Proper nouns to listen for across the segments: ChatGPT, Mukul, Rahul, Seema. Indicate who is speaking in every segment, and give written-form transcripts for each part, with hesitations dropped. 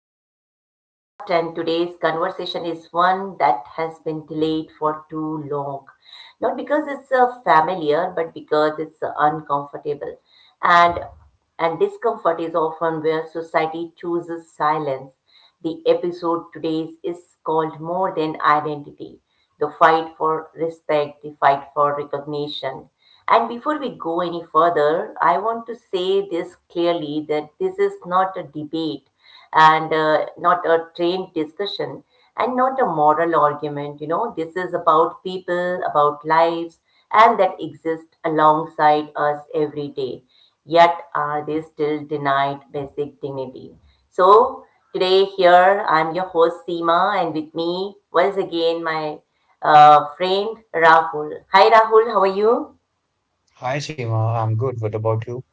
Speaker 1: back to the podcast. And today's conversation is one that has been delayed for too long. Not because it's familiar, but because it's uncomfortable. And and discomfort is often where society chooses silence. The episode today is called More Than Identity, The Fight for Respect, the Fight for Recognition. And before we go any further, I want to say this clearly that this is not a debate and not a trained discussion and not a moral argument. You know, this is about people, about lives, and that exist alongside us every day. Yet are they still denied basic dignity? So today here I'm your host Seema, and with me once again my friend Rahul. Hi Rahul, how are you?
Speaker 2: Hi, Seema. I'm good. What about you?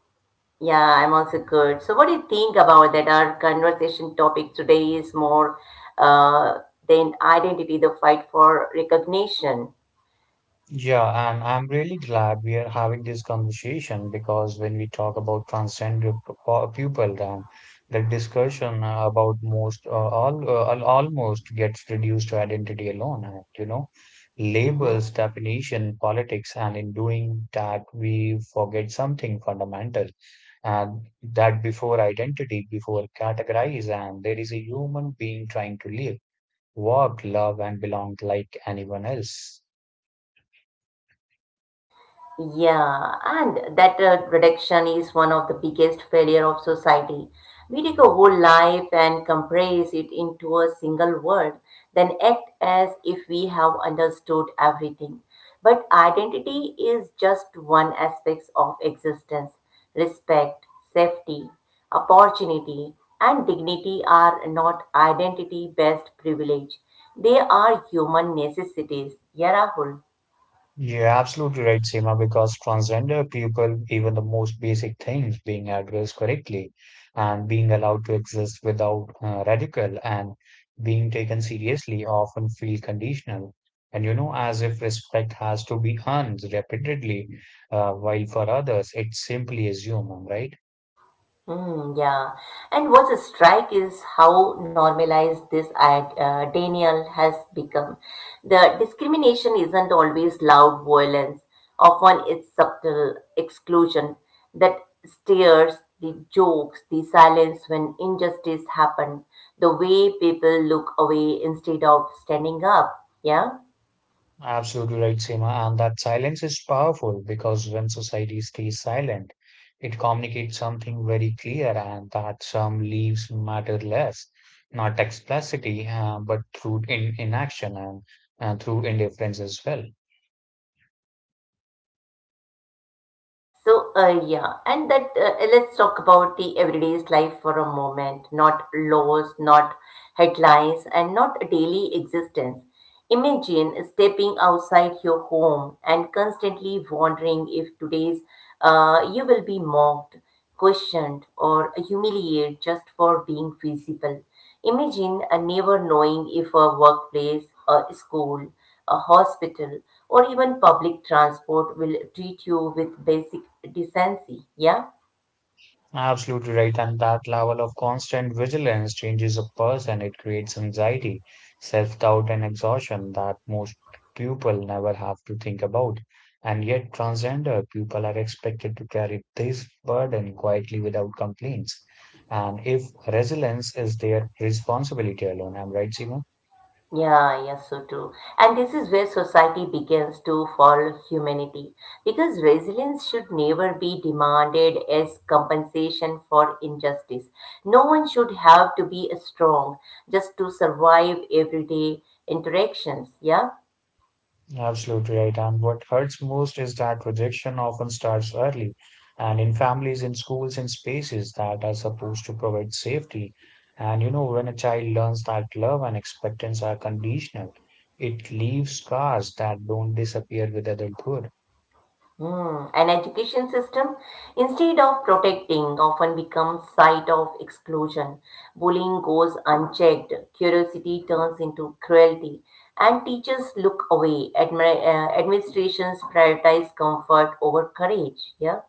Speaker 1: Yeah, I'm also good. So, what do you think about that? Our conversation topic today is more uh, than identity, the fight for recognition.
Speaker 2: Yeah, and I'm really glad we are having this conversation because when we talk about transgender people, then the discussion about almost gets reduced to identity alone. And, you know, labels, definition, politics, and in doing that, we forget something fundamental. And that before identity, before categorize, and there is a human being trying to live. Work, love, and belong like anyone else.
Speaker 1: Yeah, and that reduction is one of the biggest failure of society. We take a whole life and compress it into a single word, then act as if we have understood everything. But identity is just one aspect of existence. Respect, safety, opportunity, and dignity are not identity-based privilege. They are human necessities. Yeah, Rahul.
Speaker 2: You're absolutely right, Seema, because transgender people, even the most basic things being addressed correctly and being allowed to exist without radical and being taken seriously often feel conditional. And you know, as if respect has to be earned repeatedly, while for others, it's simply assumed, right?
Speaker 1: Mm, yeah. And what's a strike is how normalized this denial has become. The discrimination isn't always loud violence, often it's subtle exclusion that stares, the jokes, the silence when injustice happen, the way people look away instead of standing up. Yeah.
Speaker 2: Absolutely right, Seema. And that silence is powerful because when society stays silent, it communicates something very clear and that some leaves matter less, not explicitly, but through in inaction and through indifference as well.
Speaker 1: So, yeah, and that let's talk about the everyday's life for a moment, not laws, not headlines, and not daily existence. Imagine stepping outside your home and constantly wondering if today's you will be mocked, questioned, or humiliated just for being visible. Imagine a never knowing if a workplace, a school, a hospital, or even public transport will treat you with basic decency. Yeah?
Speaker 2: Absolutely right. And that level of constant vigilance changes a person. It creates anxiety, self-doubt, and exhaustion that most people never have to think about. And yet, transgender people are expected to carry this burden quietly without complaints. And if resilience is their responsibility alone, I'm right, Seema?
Speaker 1: Yeah, yeah, so true. And this is where society begins to fall humanity because resilience should never be demanded as compensation for injustice. No one should have to be strong just to survive everyday interactions. Yeah?
Speaker 2: Absolutely right. And what hurts most is that rejection often starts early and in families, in schools, in spaces that are supposed to provide safety. And you know, when a child learns that love and acceptance are conditional, it leaves scars that don't disappear with adulthood.
Speaker 1: Hmm. An education system, instead of protecting, often becomes site of exclusion. Bullying goes unchecked. Curiosity turns into cruelty, and teachers look away. Administrations prioritize comfort over courage. Yeah.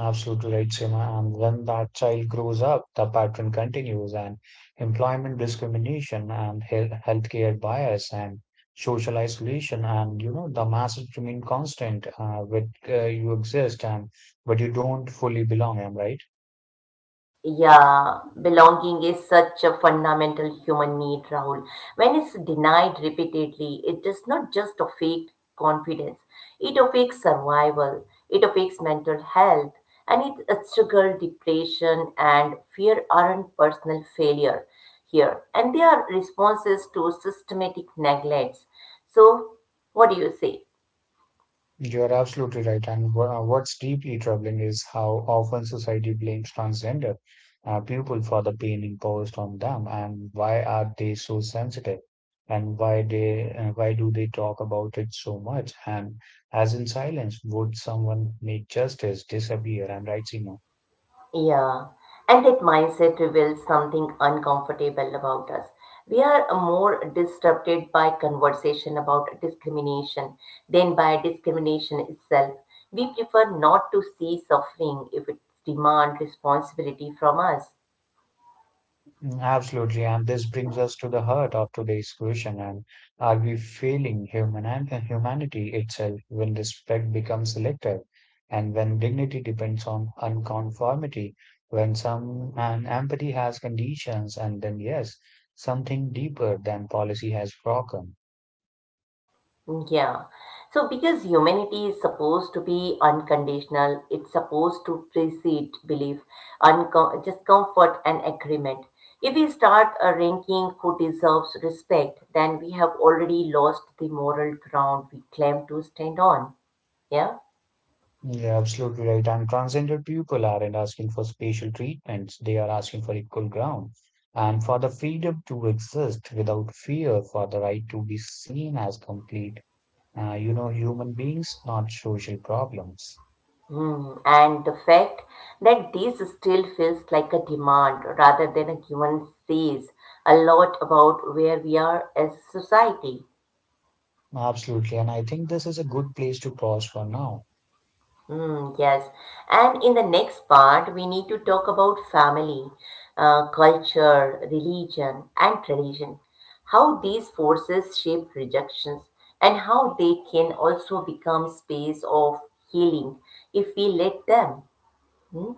Speaker 2: Absolutely right, Seema. And when that child grows up, the pattern continues and employment discrimination and healthcare bias and social isolation and you know the masses remain constant with you exist and but you don't fully belong, am I right?
Speaker 1: Yeah, belonging is such a fundamental human need, Rahul. When it's denied repeatedly, it does not just affect confidence, it affects survival, it affects mental health, and it struggle, depression, and fear aren't personal failure here, and they are responses to systematic neglects. So, what do you say?
Speaker 2: You're absolutely right. And what's deeply troubling is how often society blames transgender people for the pain imposed on them, and why are they so sensitive, and why do they talk about it so much? And as in silence, would someone make justice disappear? I'm right, Seema.
Speaker 1: Yeah, and that mindset reveals something uncomfortable about us. We are more disrupted by conversation about discrimination than by discrimination itself. We prefer not to see suffering if it demands responsibility from us.
Speaker 2: Absolutely. And this brings us to the heart of today's question. And are we failing humanity itself when respect becomes selective and when dignity depends on unconformity, when some and empathy has conditions, and then yes, something deeper than policy has broken.
Speaker 1: Yeah. So, because humanity is supposed to be unconditional, it's supposed to precede belief, just comfort and agreement. If we start ranking who deserves respect, then we have already lost the moral ground we claim to stand on. Yeah.
Speaker 2: Yeah, absolutely right. And transgender people aren't asking for special treatments, they are asking for equal ground and for the freedom to exist without fear, for the right to be seen as complete, you know, human beings, not social problems.
Speaker 1: Mm. And the fact that this still feels like a demand rather than a given says a lot about where we are as a society.
Speaker 2: Absolutely. And I think this is a good place to pause for now.
Speaker 1: Mm, yes. And in the next part, we need to talk about family, culture, religion, and tradition, how these forces shape rejections, and how they can also become space of healing if we let them. Hmm?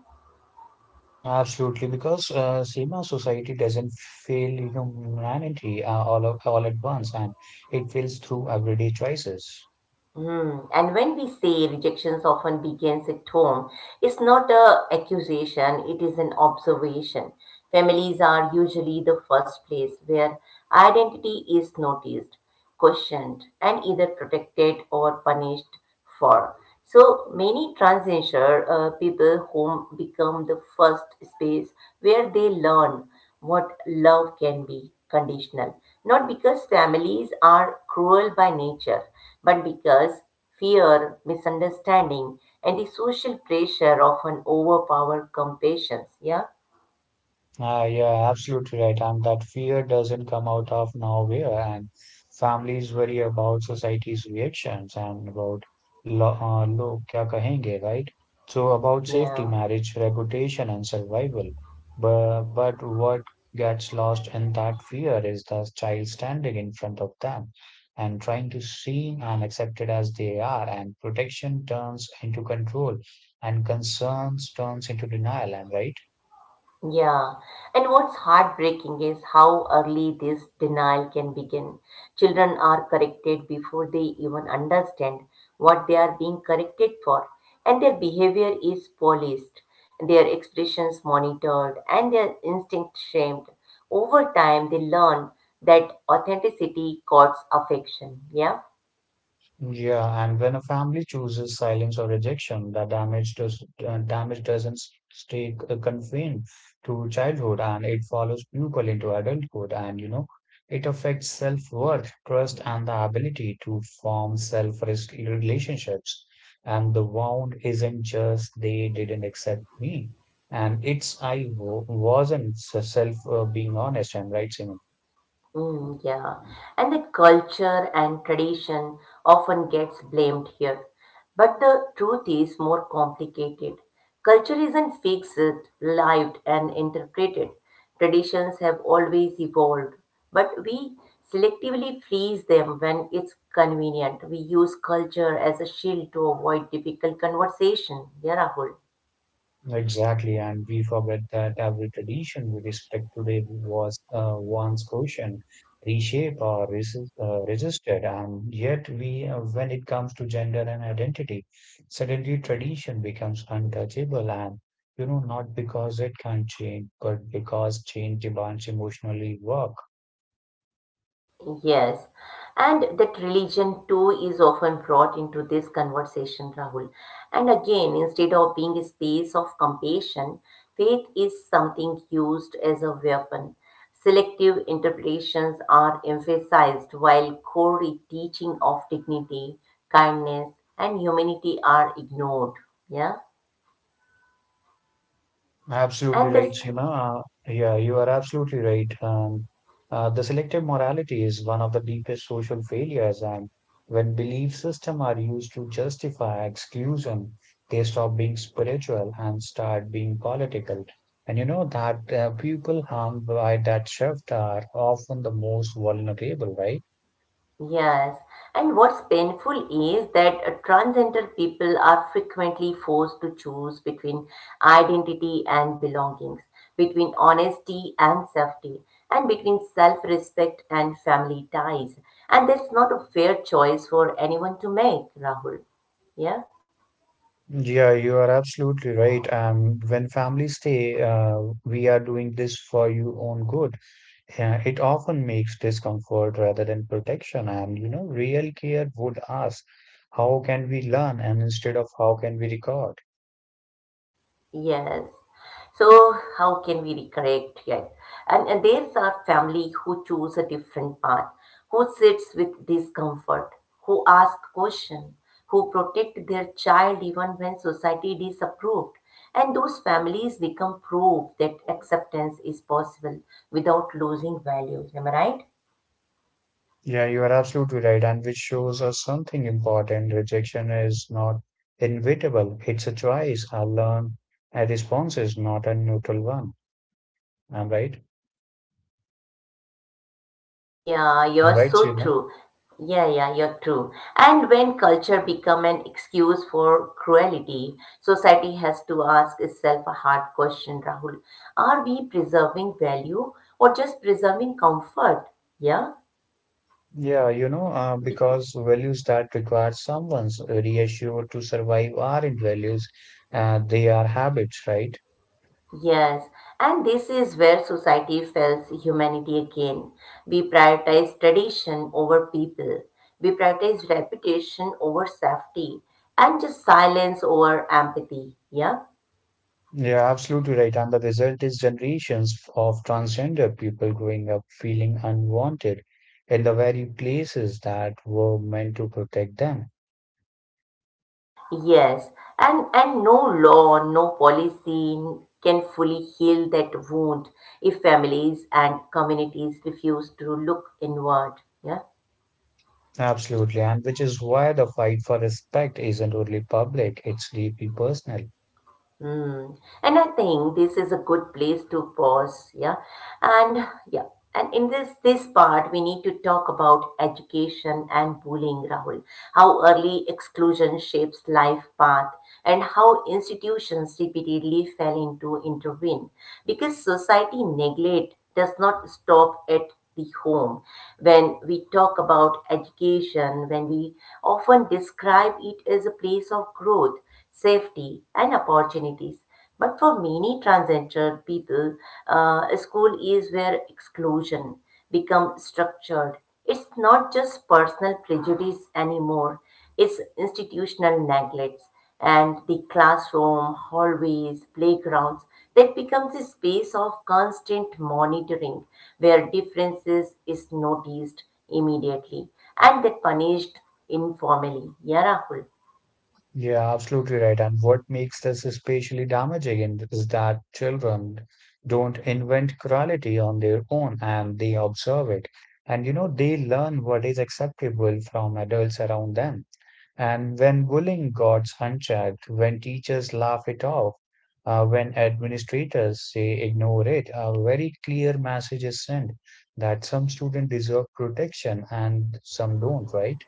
Speaker 2: Absolutely, because Seema society doesn't fail you know, humanity all at once and it fails through everyday choices.
Speaker 1: Hmm. And when we say rejections often begins at home, it's not a accusation, it is an observation. Families are usually the first place where identity is noticed, questioned, and either protected or punished for. So many transgender people home become the first space where they learn what love can be conditional. Not because families are cruel by nature, but because fear, misunderstanding, and the social pressure often overpower compassion. Yeah,
Speaker 2: Yeah, absolutely right. And that fear doesn't come out of nowhere, and families worry about society's reactions and about lo log kya kahenge, right? So about safety,
Speaker 1: yeah.
Speaker 2: marriage, reputation, and survival. But what gets lost in that fear is the child standing in front of them and trying to seem and accepted as they are, and protection turns into control, and concerns turns into denial, and right?
Speaker 1: Yeah, and what's heartbreaking is how early this denial can begin. Children are corrected before they even understand what they are being corrected for, and their behavior is policed, their expressions monitored, and their instinct shamed. Over time, they learn that authenticity courts affection. Yeah.
Speaker 2: Yeah, and when a family chooses silence or rejection, the damage does damage doesn't stay confined to childhood, and it follows people into adulthood, and you know, it affects self-worth, trust, and the ability to form self-risk relationships. And the wound isn't just they didn't accept me, and it's I w wasn't s- self being honest and right, Simon.
Speaker 1: Mm, yeah, and the culture and tradition often gets blamed here. But the truth is more complicated. Culture isn't fixed, lived, and interpreted. Traditions have always evolved, but we selectively freeze them when it's convenient. We use culture as a shield to avoid difficult conversation. Yeah, Rahul.
Speaker 2: Exactly, and we forget that every tradition we respect today was once questioned, reshaped, or resisted. And yet, when it comes to gender and identity, suddenly tradition becomes untouchable. And you know, not because it can't change, but because change demands emotionally work.
Speaker 1: Yes, and that religion too is often brought into this conversation, Rahul. And again, instead of being a space of compassion, faith is something used as a weapon. Selective interpretations are emphasized while core teaching of dignity, kindness, and humanity are ignored. Yeah,
Speaker 2: Absolutely
Speaker 1: and this
Speaker 2: right, Seema. Yeah, you are absolutely right. The selective morality is one of the deepest social failures, and when belief systems are used to justify exclusion, they stop being spiritual and start being political. And you know that people harmed by that shift are often the most vulnerable, right?
Speaker 1: Yes, and what's painful is that transgender people are frequently forced to choose between identity and belongings, between honesty and safety, and between self respect and family ties. And that's not a fair choice for anyone to make, Rahul. Yeah?
Speaker 2: Yeah, you are absolutely right. And when families say, we are doing this for your own good, it often makes discomfort rather than protection. And, you know, real care would ask, how can we learn? And instead of how can we record?
Speaker 1: Yes. So how can we reconnect yet? And there's our family who choose a different path, who sits with discomfort, who ask question, who protect their child even when society disapproved. And those families become proof that acceptance is possible without losing values. Am I right?
Speaker 2: Yeah, you are absolutely right. And which shows us something important. Rejection is not inevitable. It's a choice. I learn a response is not a neutral one. I'm right.
Speaker 1: Yeah,
Speaker 2: I'm
Speaker 1: you're
Speaker 2: right,
Speaker 1: so
Speaker 2: Seema.
Speaker 1: true. Yeah, yeah, you're true. And when culture become an excuse for cruelty, society has to ask itself a hard question, Rahul. Are we preserving value or just preserving comfort? Yeah,
Speaker 2: Yeah, you know,
Speaker 1: because
Speaker 2: because values that require someone's reassured to survive aren't values, they are habits, right?
Speaker 1: yes, and this is where society fails humanity again. We prioritize tradition over people. We prioritize reputation over safety and just silence over empathy. Yeah.
Speaker 2: You're absolutely right. And the result is generations of transgender people growing up feeling unwanted in the very places that were meant to protect them.
Speaker 1: Yes, and no law, no policy can fully heal that wound if families and communities refuse to look inward. Yeah.
Speaker 2: Absolutely. And which is why the fight for respect isn't only public, it's deeply personal.
Speaker 1: Mm. And I think this is a good place to pause, yeah. And yeah, and in this part we need to talk about education and bullying, Rahul. How early exclusion shapes life path and how institutions repeatedly fail into intervene. Because society neglect does not stop at the home. When we talk about education, when we often describe it as a place of growth safety, and opportunities. But for many transgender people, school is where exclusion becomes structured. It's not just personal prejudice anymore, it's institutional neglect. And the classroom, hallways, playgrounds, that becomes a space of constant monitoring where differences is noticed immediately and that punished informally. Yeah, Rahul.
Speaker 2: Yeah, absolutely right. And what makes this especially damaging is that children don't invent cruelty on their own and they observe it. And you know, they learn what is acceptable from adults around them. And when bullying goes unchecked, when teachers laugh it off, when administrators say ignore it, a very clear message is sent that some students deserve protection and some don't, right?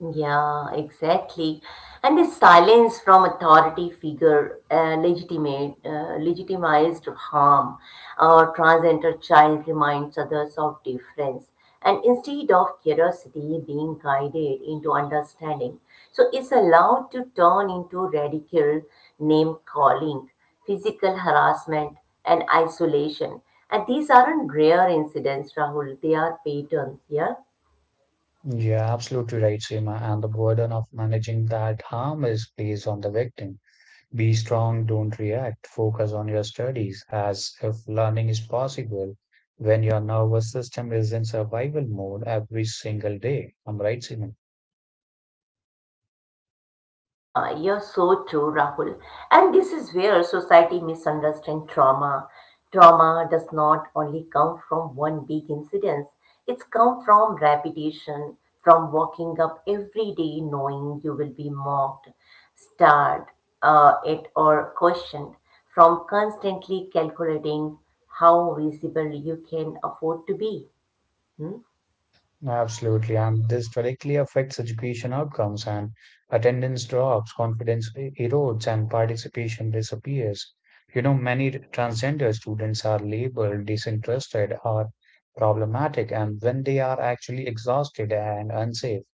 Speaker 1: Yeah, exactly. And the silence from authority figure legitimized harm or transgender child reminds others of difference. And instead of curiosity being guided into understanding, so it's allowed to turn into radical name calling, physical harassment, and isolation. And these aren't rare incidents, Rahul. They are patterns. Yeah.
Speaker 2: Yeah, absolutely right, Seema, and the burden of managing that harm is placed on the victim. Be strong, don't react, focus on your studies as if learning is possible when your nervous system is in survival mode every single day. I'm right, Seema.
Speaker 1: Yeah, you're so true, Rahul. And this is where society misunderstands trauma. Trauma does not only come from one big incident, it's come from repetition, from waking up every day knowing you will be mocked, stared at, or questioned, from constantly calculating how visible you can afford to be. Hmm?
Speaker 2: Absolutely, and this directly affects education outcomes and attendance drops, confidence erodes, and participation disappears. You know, many transgender students are labeled disinterested or problematic, and when they are actually exhausted and unsafe.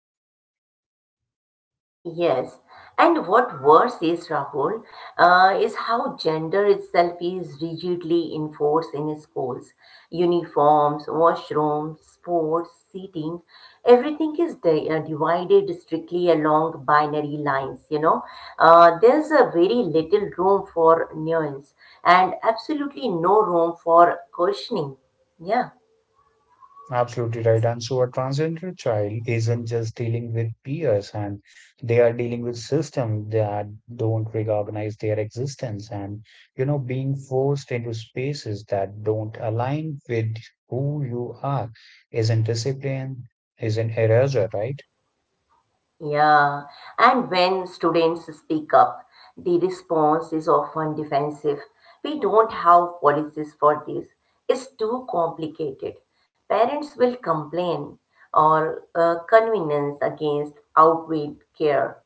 Speaker 1: Yes. And what worse is, Rahul, is how gender itself is rigidly enforced in schools. Uniforms, washrooms, sports, seating, everything is divided strictly along binary lines, you know. There's a very little room for nuance and absolutely no room for questioning. Yeah.
Speaker 2: Absolutely right. And so a transgender child isn't just dealing with peers and they are dealing with systems that don't recognize their existence and, you know, being forced into spaces that don't align with who you are isn't discipline, isn't erasure, right?
Speaker 1: Yeah, and when students speak up, the response is often defensive. We don't have policies for this. It's too complicated. Parents will complain or convenience against outweigh care.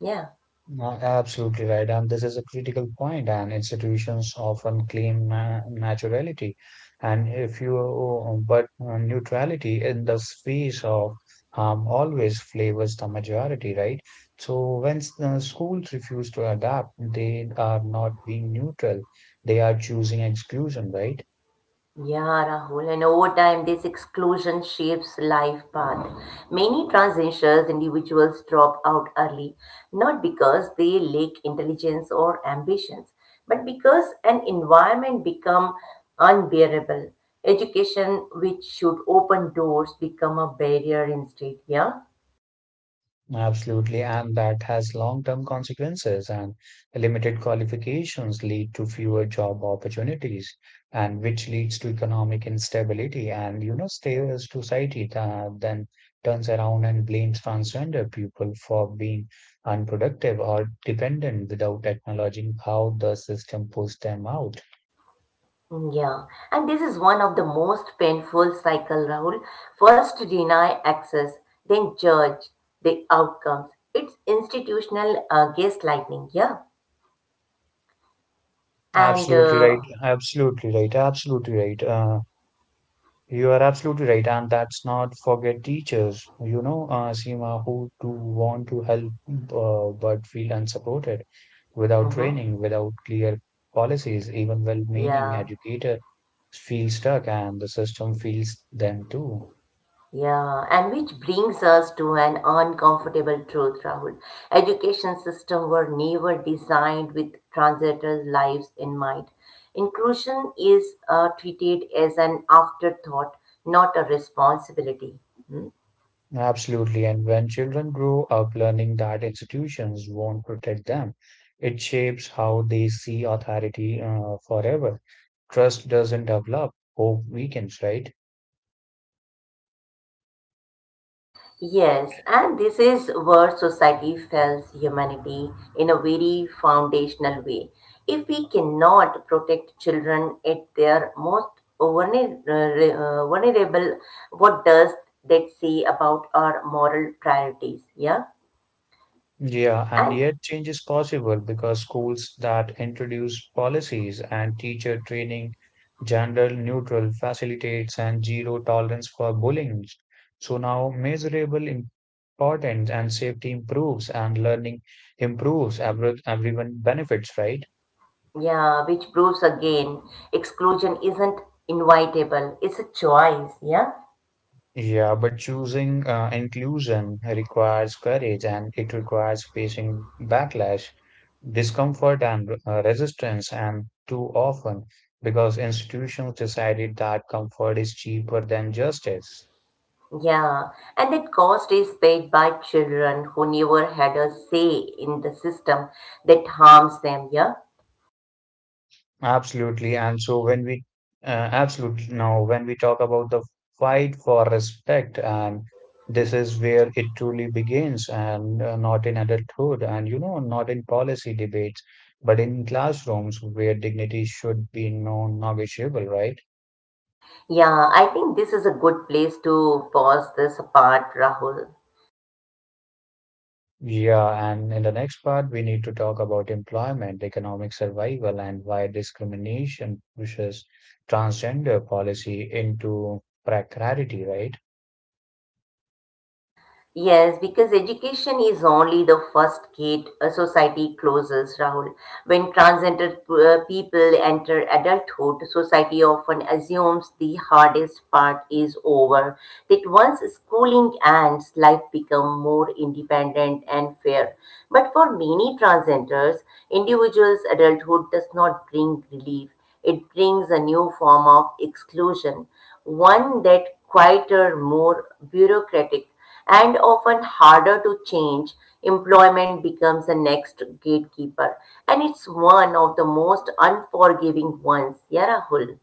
Speaker 1: Yeah.
Speaker 2: Absolutely right. And this is a critical point, and institutions often claim na naturality. And if you, but neutrality in the space of harm always flavors the majority, right? So when schools refuse to adapt, they are not being neutral. They are choosing exclusion, right?
Speaker 1: Yeah, Rahul, and over time, this exclusion shapes life path. Many transgeners individuals drop out early, not because they lack intelligence or ambitions, but because an environment become unbearable. Education, which should open doors, become a barrier instead. Yeah.
Speaker 2: Absolutely, and that has long-term consequences and limited qualifications lead to fewer job opportunities and which leads to economic instability and you know stable society that then turns around and blames transgender people for being unproductive or dependent without acknowledging how the system pushed them out.
Speaker 1: Yeah, and this is one of the most painful cycle, Rahul. First deny access, then judge the outcomes. It's institutional gaslighting, yeah. And
Speaker 2: Absolutely right. You are absolutely right, and that's not forget teachers, you know, Seema, who do want to help but feel unsupported without
Speaker 1: mhm,
Speaker 2: training, without clear policies. Even well-meaning
Speaker 1: yeah,
Speaker 2: educator feel stuck, and the system feels them too.
Speaker 1: yeah, and which brings us to an uncomfortable truth, Rahul. Education system were never designed with transitory lives in mind. Inclusion is treated as an afterthought, not a responsibility. Hmm?
Speaker 2: Absolutely, and when children grow up learning that institutions won't protect them, it shapes how they see authority forever. Trust doesn't develop, hope weakens, right?
Speaker 1: Yes, and this is where society fails humanity in a very foundational way. If we cannot protect children at their most vulnerable, what does that say about our moral priorities? Yeah,
Speaker 2: Yeah, and
Speaker 1: and
Speaker 2: yet change is possible because schools that introduce policies and teacher training, gender neutral facilitates and zero tolerance for bullying. So now measurable importance and safety improves and learning improves. Everyone benefits, right?
Speaker 1: yeah, which proves again exclusion isn't inevitable, it's a choice. Yeah.
Speaker 2: Yeah, but choosing inclusion requires courage and it requires facing backlash, discomfort, and resistance. And too often, because institutions decided that comfort is cheaper than justice.
Speaker 1: Yeah, and that cost is paid by children who never had a say in the system that harms them. Yeah,
Speaker 2: Absolutely. And so absolutely, now when we talk about the fight for respect, and this is where it truly begins, and not in adulthood, and you know, not in policy debates, but in classrooms where dignity should be non-negotiable, right?
Speaker 1: yeah, I think this is a good place to pause this apart, Rahul.
Speaker 2: Yeah, and in the next part, we need to talk about employment, economic survival, and why discrimination pushes transgender policy into precarity, right?
Speaker 1: Yes, because education is only the first gate a society closes, Rahul. When transgender people enter adulthood, society often assumes the hardest part is over. That once schooling ends, life becomes more independent and fair. But for many transgenders, individuals' adulthood does not bring relief. It brings a new form of exclusion, one that quieter, more bureaucratic and often harder to change, employment becomes the next gatekeeper. And it's one of the most unforgiving ones. Yeah, Rahul.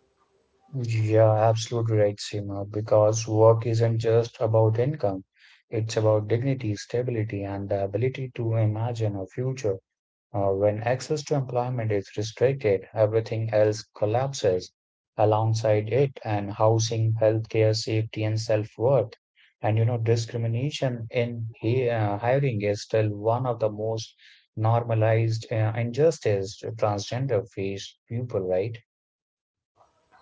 Speaker 2: Yeah, absolutely right, Seema, because work isn't just about income. It's about dignity, stability, and the ability to imagine a future. When access to employment is restricted, everything else collapses alongside it, and housing, healthcare, safety, and self-worth. And you know, discrimination in hiring is still one of the most normalized injustices transgender face people, right?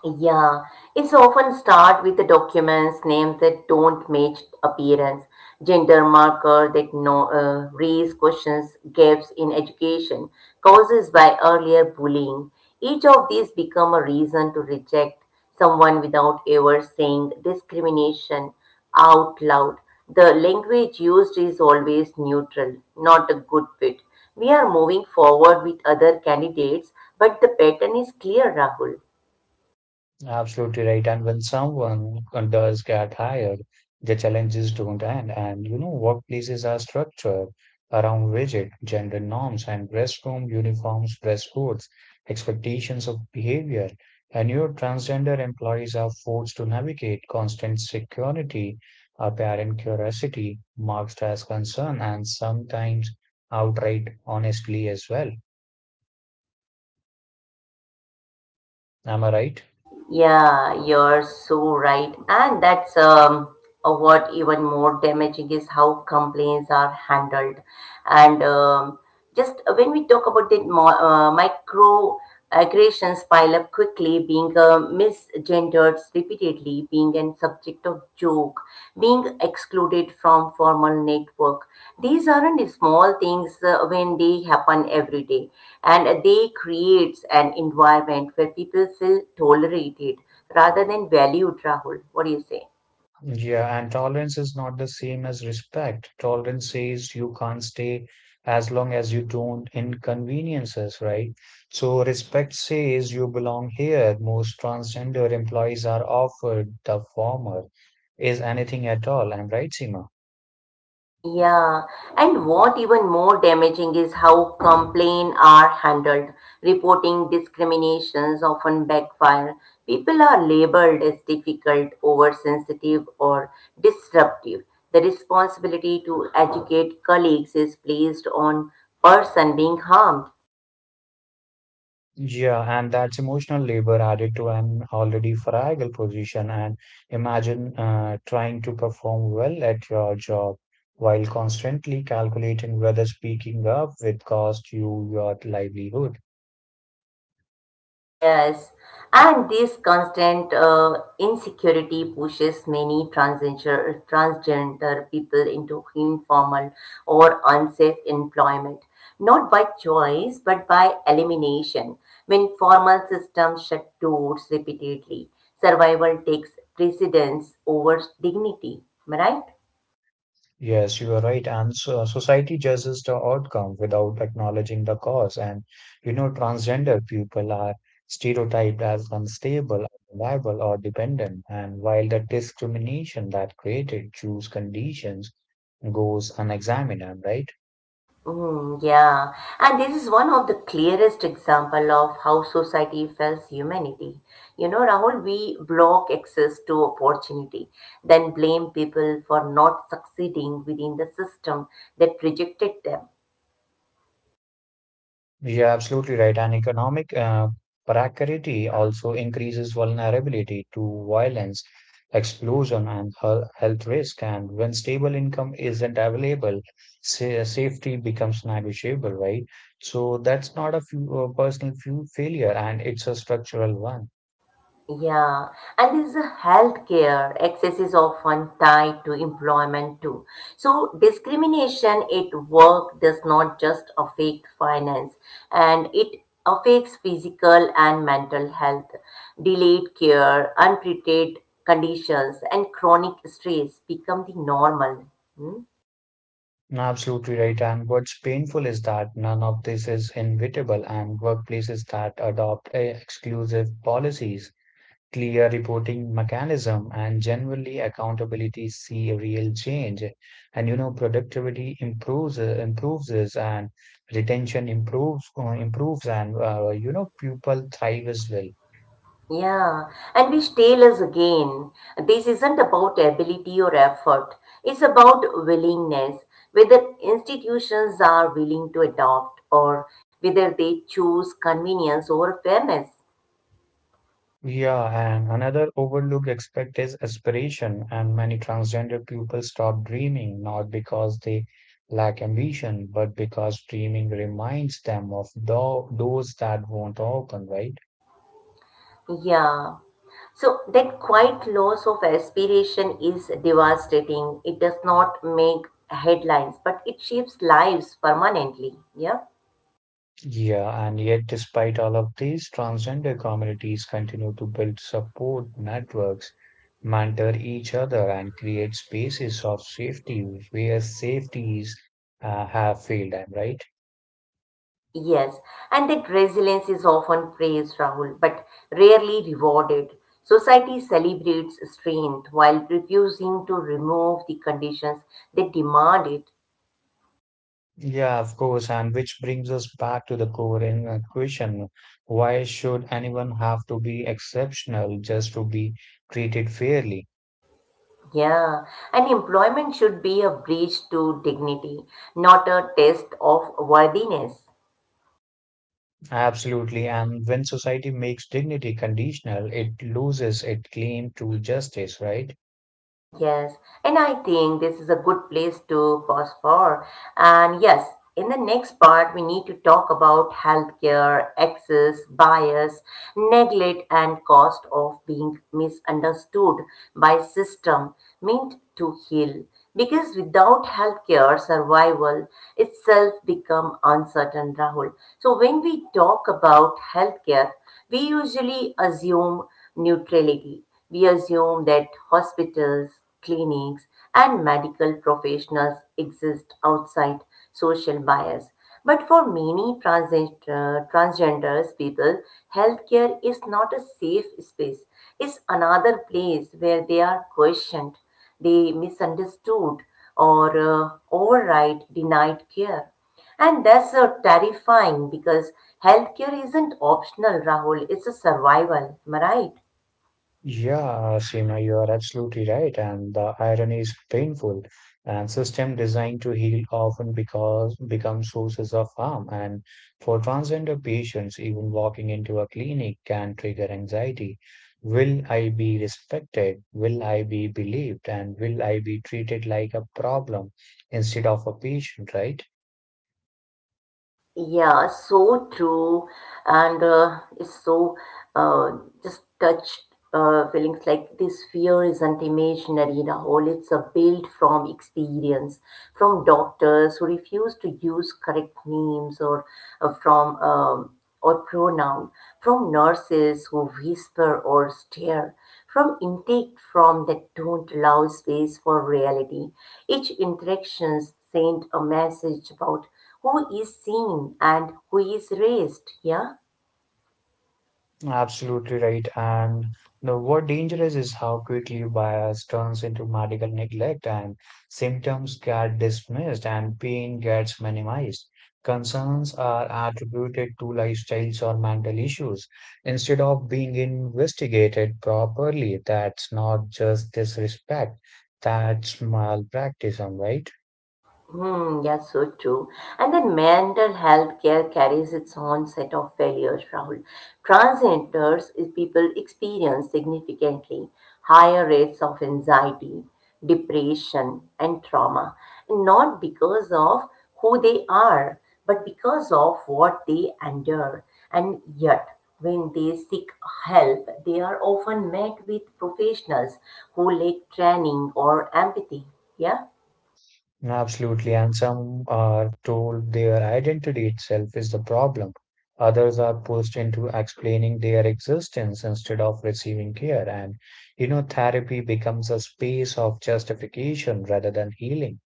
Speaker 1: Yeah, it's often start with the documents, names that don't match appearance, gender marker that no raise questions, gaps in education, causes by earlier bullying. Each of these become a reason to reject someone without ever saying discrimination out loud. The language used is always neutral, not a good fit. We are moving forward with other candidates, but the pattern is clear, Rahul.
Speaker 2: Absolutely right. And when someone does get hired, the challenges don't end. And you know, workplaces are structured around rigid gender norms and restroom uniforms, dress codes, expectations of behavior. And your transgender employees are forced to navigate constant security, apparent curiosity, marked as concern, and sometimes outright honestly as well. Am I right?
Speaker 1: Yeah, you're so right. And that's what even more damaging is how complaints are handled. And just when we talk about that micro aggressions pile up quickly, being misgendered repeatedly being an subject of joke, being excluded from formal network. These aren't small things when they happen every day, and they creates an environment where people feel tolerated rather than valued. Rahul, what do you say?
Speaker 2: Yeah, and tolerance is not the same as respect. Tolerance says you can't stay as long as you don't inconveniences, right? So respect says you belong here. Most transgender employees are offered the former. Is anything at all? I'm right, Seema?
Speaker 1: Yeah, and what even more damaging is how complaints are handled. Reporting discriminations often backfire. People are labeled as difficult, oversensitive, or disruptive. The responsibility to educate colleagues is placed on person being harmed.
Speaker 2: Yeah, and that's emotional labor added to an already fragile position. And imagine trying to perform well at your job while constantly calculating whether speaking up will cost you your livelihood.
Speaker 1: Yes, and this constant insecurity pushes many transgender people into informal or unsafe employment, not by choice but by elimination. When formal systems shut doors repeatedly, survival takes precedence over dignity. Am I right?
Speaker 2: Yes, you are right. And so society judges the outcome without acknowledging the cause. And you know, transgender people are stereotyped as unstable, unreliable, or dependent. And while the discrimination that created choose conditions goes unexamined, right?
Speaker 1: Yeah, and this is one of the clearest example of how society fails humanity. You know, Rahul, we block access to opportunity, then blame people for not succeeding within the system that rejected them.
Speaker 2: Yeah, absolutely right. And economic precarity also increases vulnerability to violence, explosion, and health risk. And when stable income isn't available, safety becomes negotiable, right? So that's not a few, personal few failure, and it's a structural one.
Speaker 1: Yeah, and this is healthcare access is often tied to employment too. So discrimination at work does not just affect finance, and it affects physical and mental health, delayed care, untreated conditions, and chronic stress become the normal. Hmm?
Speaker 2: No, absolutely right. And what's painful is that none of this is inevitable, and workplaces that adopt exclusive policies, clear reporting mechanism and generally accountability see a real change. And you know, productivity improves improves is and retention improves and you know, people thrive as well.
Speaker 1: Yeah, and which tell us again, this isn't about ability or effort. It's about willingness, whether institutions are willing to adopt or whether they choose convenience over fairness.
Speaker 2: Yeah, and another overlooked aspect is aspiration. And many transgender people stop dreaming, not because they lack ambition, but because dreaming reminds them of those that won't open, right?
Speaker 1: Yeah. So that quiet loss of aspiration is devastating. It does not make headlines, but it shapes lives permanently. Yeah.
Speaker 2: Yeah, and yet, despite all of these, transgender communities continue to build support networks, mentor each other, and create spaces of safety where safeties have failed them, right?
Speaker 1: Yes, and that resilience is often praised, Rahul, but rarely rewarded. Society celebrates strength while refusing to remove the conditions that demand it.
Speaker 2: Yeah, of course. And which brings us back to the core question. Why should anyone have to be exceptional just to be treated fairly?
Speaker 1: Yeah, and employment should be a bridge to dignity, not a test of worthiness.
Speaker 2: Absolutely. And when society makes dignity conditional, it loses its claim to justice, right?
Speaker 1: Yes, and I think this is a good place to pause for. And yes, in the next part, we need to talk about healthcare, access, bias, neglect, and cost of being misunderstood by system meant to heal. Because without healthcare, survival itself become uncertain, Rahul. So when we talk about healthcare, we usually assume neutrality we assume that hospitals, clinics, and medical professionals exist outside social bias. But for many transgenders people, healthcare is not a safe space. It's another place where they are questioned, they misunderstood, or override denied care. And that's so terrifying because healthcare isn't optional, Rahul. It's a survival. Am I right?
Speaker 2: Yeah, Seema, you are absolutely right. And the irony is painful. And system designed to heal often because become sources of harm. And for transgender patients, even walking into a clinic can trigger anxiety. Will I be respected? Will I be believed? And will I be treated like a problem instead of a patient, right?
Speaker 1: Yeah, so true. And it's so uh, just touched feelings like this fear isn't imaginary in a whole, it's a built from experience, from doctors who refuse to use correct names or from or pronoun, from nurses who whisper or stare, from intake from that don't allow space for reality. Each interaction sent a message about who is seen and who is raised, yeah?
Speaker 2: Absolutely right. And the what dangerous is how quickly bias turns into medical neglect, and symptoms get dismissed and pain gets minimized. Concerns are attributed to lifestyles or mental issues instead of being investigated properly. That's not just disrespect, that's malpractice, am I right?
Speaker 1: Hmm, yes, so true. And then mental health care carries its own set of failures, Rahul. Transgenders is people experience significantly higher rates of anxiety, depression, and trauma, and not because of who they are, but because of what they endure. And yet, when they seek help, they are often met with professionals who lack training or empathy. Yeah.
Speaker 2: Absolutely, and some are told their identity itself is the problem. Others are pushed into explaining their existence instead of receiving care. And, you know, therapy becomes a space of justification rather than healing.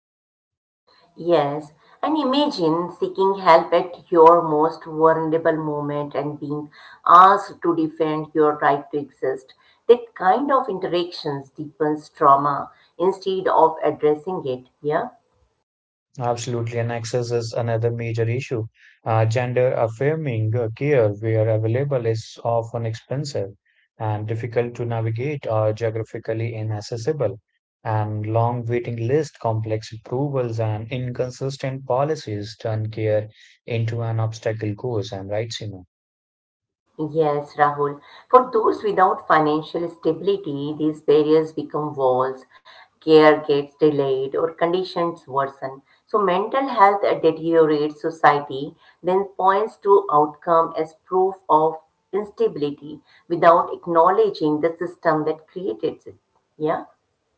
Speaker 1: Yes, and imagine seeking help at your most vulnerable moment and being asked to defend your right to exist. That kind of interactions deepens trauma instead of addressing it. Yeah.
Speaker 2: Absolutely, and access is another major issue. Gender affirming care, where available, is often expensive and difficult to navigate or geographically inaccessible, and long waiting lists, complex approvals, and inconsistent policies turn care into an obstacle course. I'm right, Seema?
Speaker 1: Yes, Rahul. For those without financial stability, these barriers become walls, care gets delayed, or conditions worsen. So, mental health deteriorates society, then points to outcome as proof of instability without acknowledging the system that created it. Yeah.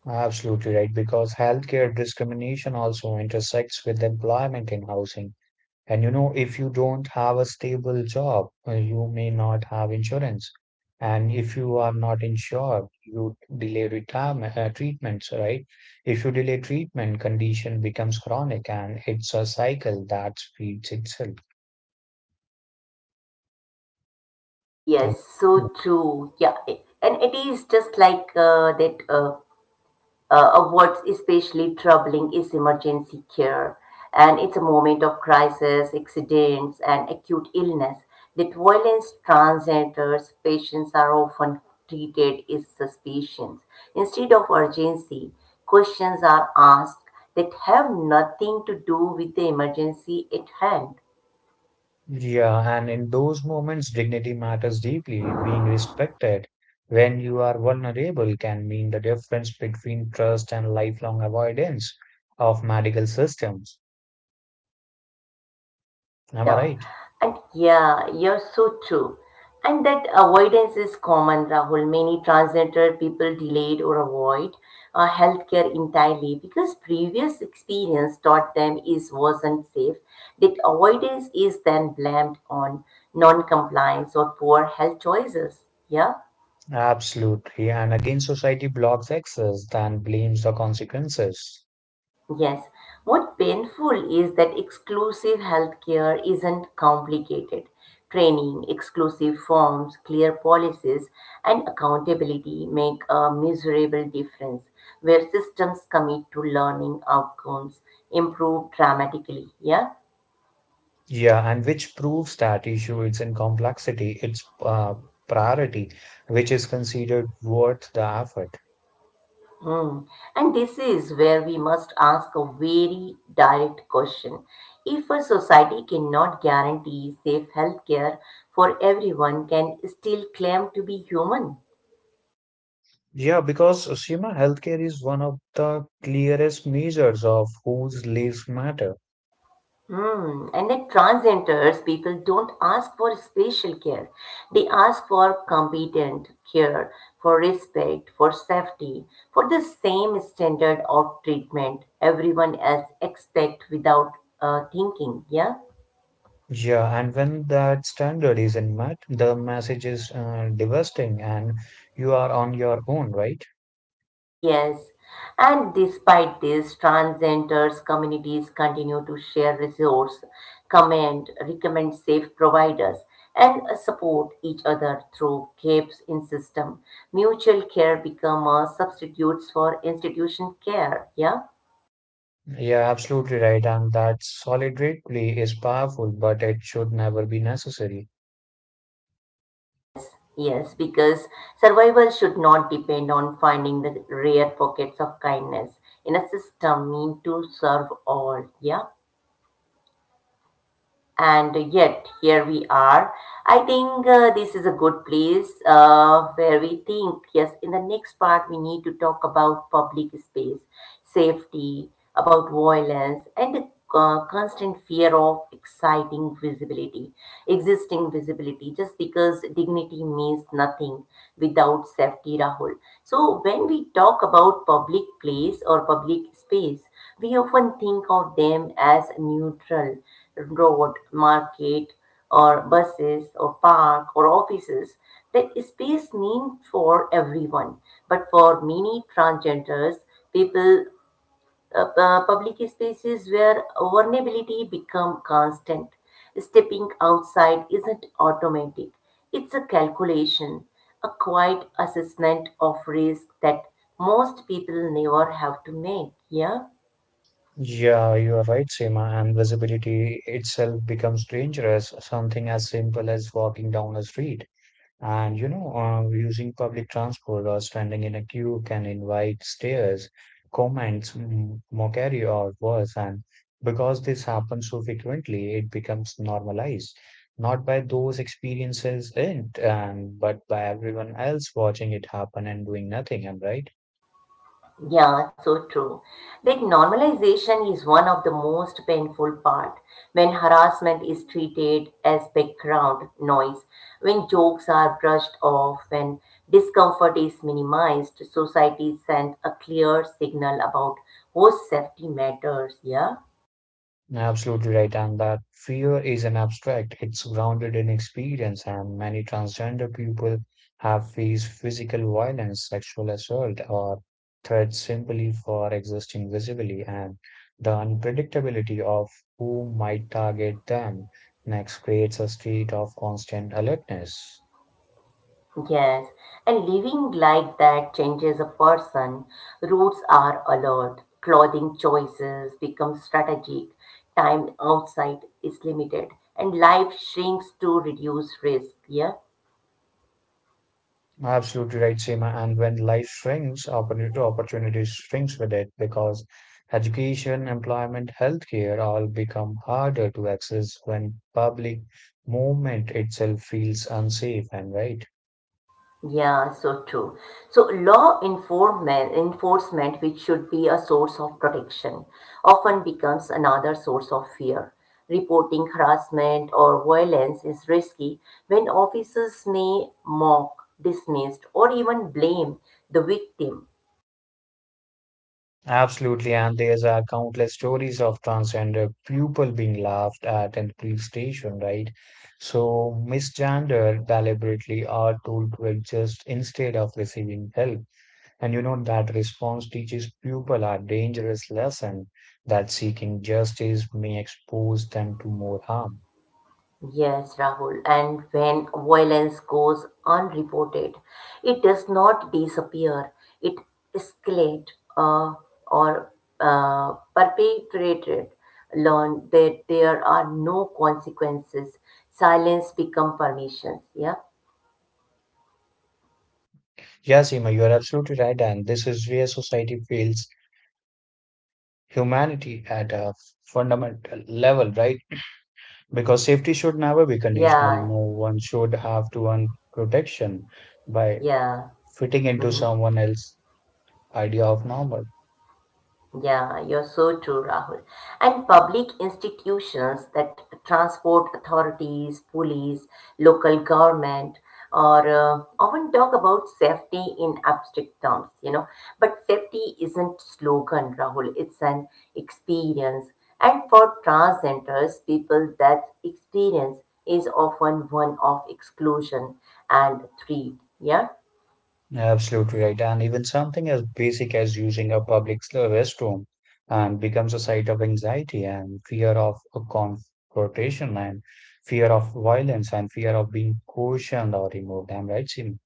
Speaker 2: Absolutely right, because healthcare discrimination also intersects with employment and housing. And you know, if you don't have a stable job, you may not have insurance. And if you are not insured, you delay retirement treatments, right? If you delay treatment, condition becomes chronic and it's a cycle that feeds itself. Um,
Speaker 1: Yes, so true. Yeah, and it is just like that. Of what's especially troubling is emergency care. And it's a moment of crisis, accidents, and acute illness that violence transgenders patients are often treated as suspicions. Instead of urgency, questions are asked that have nothing to do with the emergency at hand.
Speaker 2: yeah, and in those moments, dignity matters deeply. Being respected when you are vulnerable can mean the difference between trust and lifelong avoidance of medical systems. Am I
Speaker 1: Yeah,
Speaker 2: right?
Speaker 1: and yeah, you're so true. And that avoidance is common, Rahul. Many transgender people delayed or avoid healthcare entirely because previous experience taught them it wasn't safe. That avoidance is then blamed on non-compliance or poor health choices. Yeah.
Speaker 2: Absolutely. And again, society blocks access, then blames the consequences.
Speaker 1: Yes. What painful is that exclusive healthcare isn't complicated. Training, exclusive forms, clear policies, and accountability make a miserable difference where systems commit to learning outcomes improve dramatically. Yeah?
Speaker 2: Yeah, and which proves that issue is in complexity, its priority, which is considered worth the effort.
Speaker 1: Hmm. And this is where we must ask a very direct question. If a society cannot guarantee safe healthcare for everyone, can still claim to be human?
Speaker 2: Yeah, because Seema, healthcare is one of the clearest measures of whose lives matter.
Speaker 1: Hmm. And at transgenders, people don't ask for special care. They ask for competent care, for respect, for safety, for the same standard of treatment everyone else expect without thinking. Yeah.
Speaker 2: Yeah, and when that standard isn't met, the message is devastating and you are on your own, right?
Speaker 1: Yes, and despite this, transgenders communities continue to share resources, comment, recommend safe providers, and support each other through gaps in system. Mutual care become a substitutes for institution care. Yeah.
Speaker 2: Yeah, absolutely right. And that solidarity is powerful, but it should never be necessary.
Speaker 1: Yes, because survival should not depend on finding the rare pockets of kindness in a system meant to serve all. Yeah. And yet here we are. I think this is a good place where we think, yes, in the next part, we need to talk about public space, safety, about violence, and the constant fear of existing visibility, just because dignity means nothing without safety, Rahul. So, when we talk about public place or public space, we often think of them as neutral road, market, or buses, or park, or offices. That space mean for everyone, but for many transgenders, people, public spaces where vulnerability become constant. Stepping outside isn't automatic; it's a calculation, a quiet assessment of risk that most people never have to make. Yeah.
Speaker 2: Yeah, you are right, Seema. And visibility itself becomes dangerous. Something as simple as walking down a street. And you know, using public transport or standing in a queue can invite stares, comments, mockery, or worse. And because this happens so frequently, it becomes normalized, not by those experiences in it, and but by everyone else watching it happen and doing nothing. Am I right?
Speaker 1: Yeah, so true. That normalization is one of the most painful part when harassment is treated as background noise, when jokes are brushed off, when discomfort is minimized, society sends a clear signal about whose safety matters, yeah?
Speaker 2: Absolutely right. And that fear is an abstract, it's grounded in experience, and many transgender people have faced physical violence, sexual assault, or threats simply for existing visibly, and the unpredictability of who might target them next creates a state of constant alertness.
Speaker 1: Yes, and living like that changes a person. Roots are alert, clothing choices become strategic, time outside is limited, and life shrinks to reduce risk. Yeah.
Speaker 2: Absolutely right, Seema. And when life shrinks, opportunity opportunities shrinks with it, because education, employment, healthcare all become harder to access when public movement itself feels unsafe, and right.
Speaker 1: Yeah, so true. So law enforcement, which should be a source of protection, often becomes another source of fear. Reporting harassment or violence is risky when officers may mock, dismiss, or even blame the victim.
Speaker 2: Absolutely, and there's are countless stories of transgender people being laughed at in police station, right? So misgender deliberately are told to adjust instead of receiving help. And you know that response teaches people a dangerous lesson that seeking justice may expose them to more harm.
Speaker 1: Yes, Rahul. And when violence goes unreported, it does not disappear. It escalates uh, or perpetrated. Learn that there are no consequences. Silence become permissions. Yeah,
Speaker 2: Yes, Seema, you are absolutely right, and this is where society fails humanity at a fundamental level, right? Because safety should never be conditional.
Speaker 1: yeah,
Speaker 2: No one should have to earn protection by
Speaker 1: yeah.
Speaker 2: fitting into
Speaker 1: Mhm.
Speaker 2: someone else's idea of normal.
Speaker 1: Yeah, you're so true, Rahul. And public institutions that transport authorities, police, local government, or often talk about safety in abstract terms, you know. But safety isn't slogan, Rahul. It's an experience. And for transgenders, people, that experience is often one of exclusion and threat. Yeah.
Speaker 2: Absolutely right. And even something as basic as using a public restroom and becomes a site of anxiety and fear of a confrontation and fear of violence and fear of being cautioned or removed. I'm right, Sim?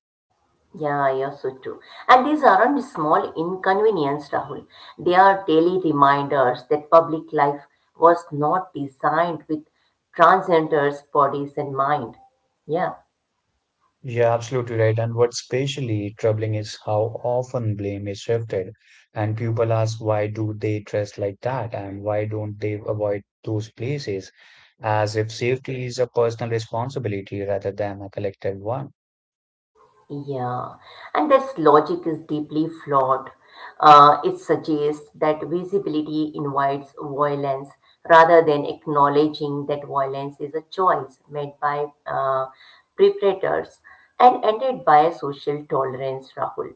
Speaker 1: Yeah, I also too. And these aren't small inconvenience, Rahul. They are daily reminders that public life was not designed with transgenders' bodies in mind. Yeah,
Speaker 2: Yeah, absolutely right. And what's especially troubling is how often blame is shifted. And people ask, why do they dress like that? And why don't they avoid those places? As if safety is a personal responsibility rather than a collective one.
Speaker 1: yeah. And this logic is deeply flawed. It suggests that visibility invites violence rather than acknowledging that violence is a choice made by perpetrators and ended by a social tolerance, Rahul.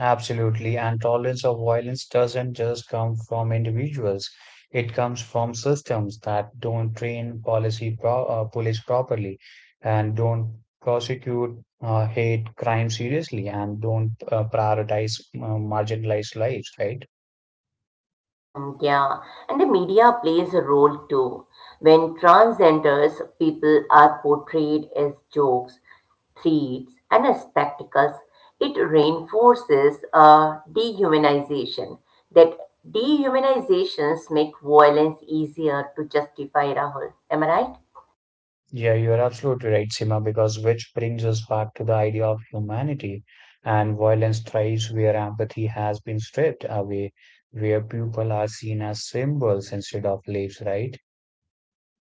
Speaker 2: Absolutely. And tolerance of violence doesn't just come from individuals. It comes from systems that don't train policy pro police properly and don't prosecute hate crime seriously and don't prioritize marginalized lives, right?
Speaker 1: Yeah, and the media plays a role too. When transgenders, people are portrayed as jokes, threats, and as spectacles, it reinforces dehumanization. That dehumanizations make violence easier to justify, Rahul. Am I right?
Speaker 2: Yeah, you're absolutely right, Sima, because which brings us back to the idea of humanity, and violence thrives where empathy has been stripped away, where people are seen as symbols instead of lives, right?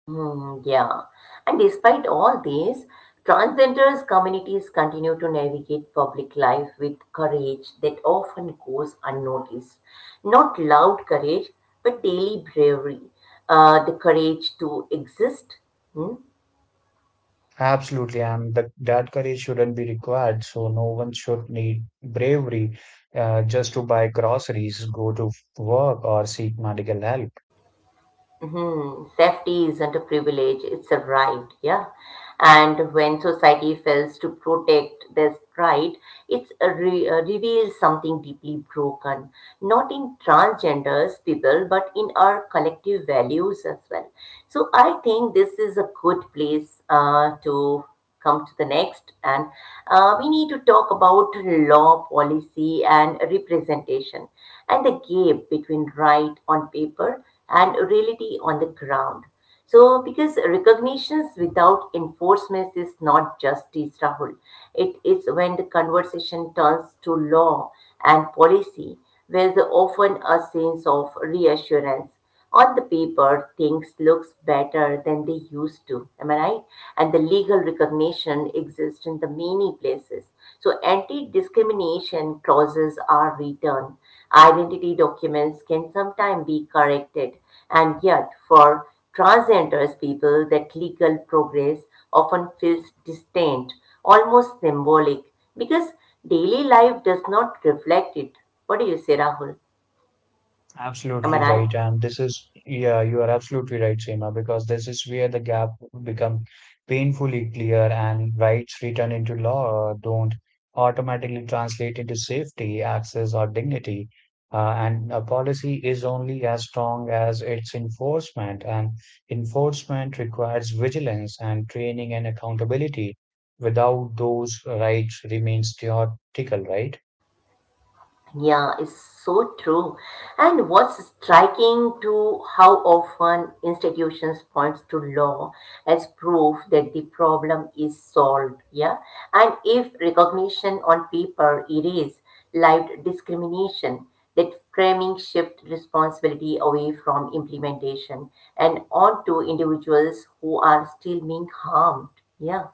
Speaker 1: Hmm, yeah. And despite all this, transgenders communities continue to navigate public life with courage that often goes unnoticed. Not loud courage, but daily bravery. The courage to exist, hmm.
Speaker 2: Absolutely, and that courage shouldn't be required. So no one should need bravery just to buy groceries, go to work, or seek medical help.
Speaker 1: Hmm, safety isn't a privilege, it's a right, yeah. And when society fails to protect this right, it's a reveals something deeply broken, not in transgenders people, but in our collective values as well. So I think this is a good place to come to the next. And we need to talk about law, policy, and representation and the gap between right on paper and reality on the ground. So, because recognitions without enforcement is not justice, Rahul. It is when the conversation turns to law and policy, where the often a sense of reassurance on the paper, things looks better than they used to. Am I right? And the legal recognition exists in the many places. So anti-discrimination clauses are written. Identity documents can sometimes be corrected. And yet, for transgenders people, that legal progress often feels distant, almost symbolic, because daily life does not reflect it. What do you say, Rahul? Am I
Speaker 2: Absolutely
Speaker 1: right?
Speaker 2: right. And this is, yeah, you are absolutely right, Seema, because this is where the gap become painfully clear and rights written into law don't automatically translate into safety, access, or dignity. And a policy is only as strong as its enforcement, and enforcement requires vigilance and training and accountability. Without those, rights remains theoretical, right?
Speaker 1: Yeah, it's so true. And what's striking to how often institutions points to law as proof that the problem is solved. Yeah. And if recognition on paper erase lived discrimination, that framing shift responsibility away from implementation and onto individuals who are still being harmed. Yeah.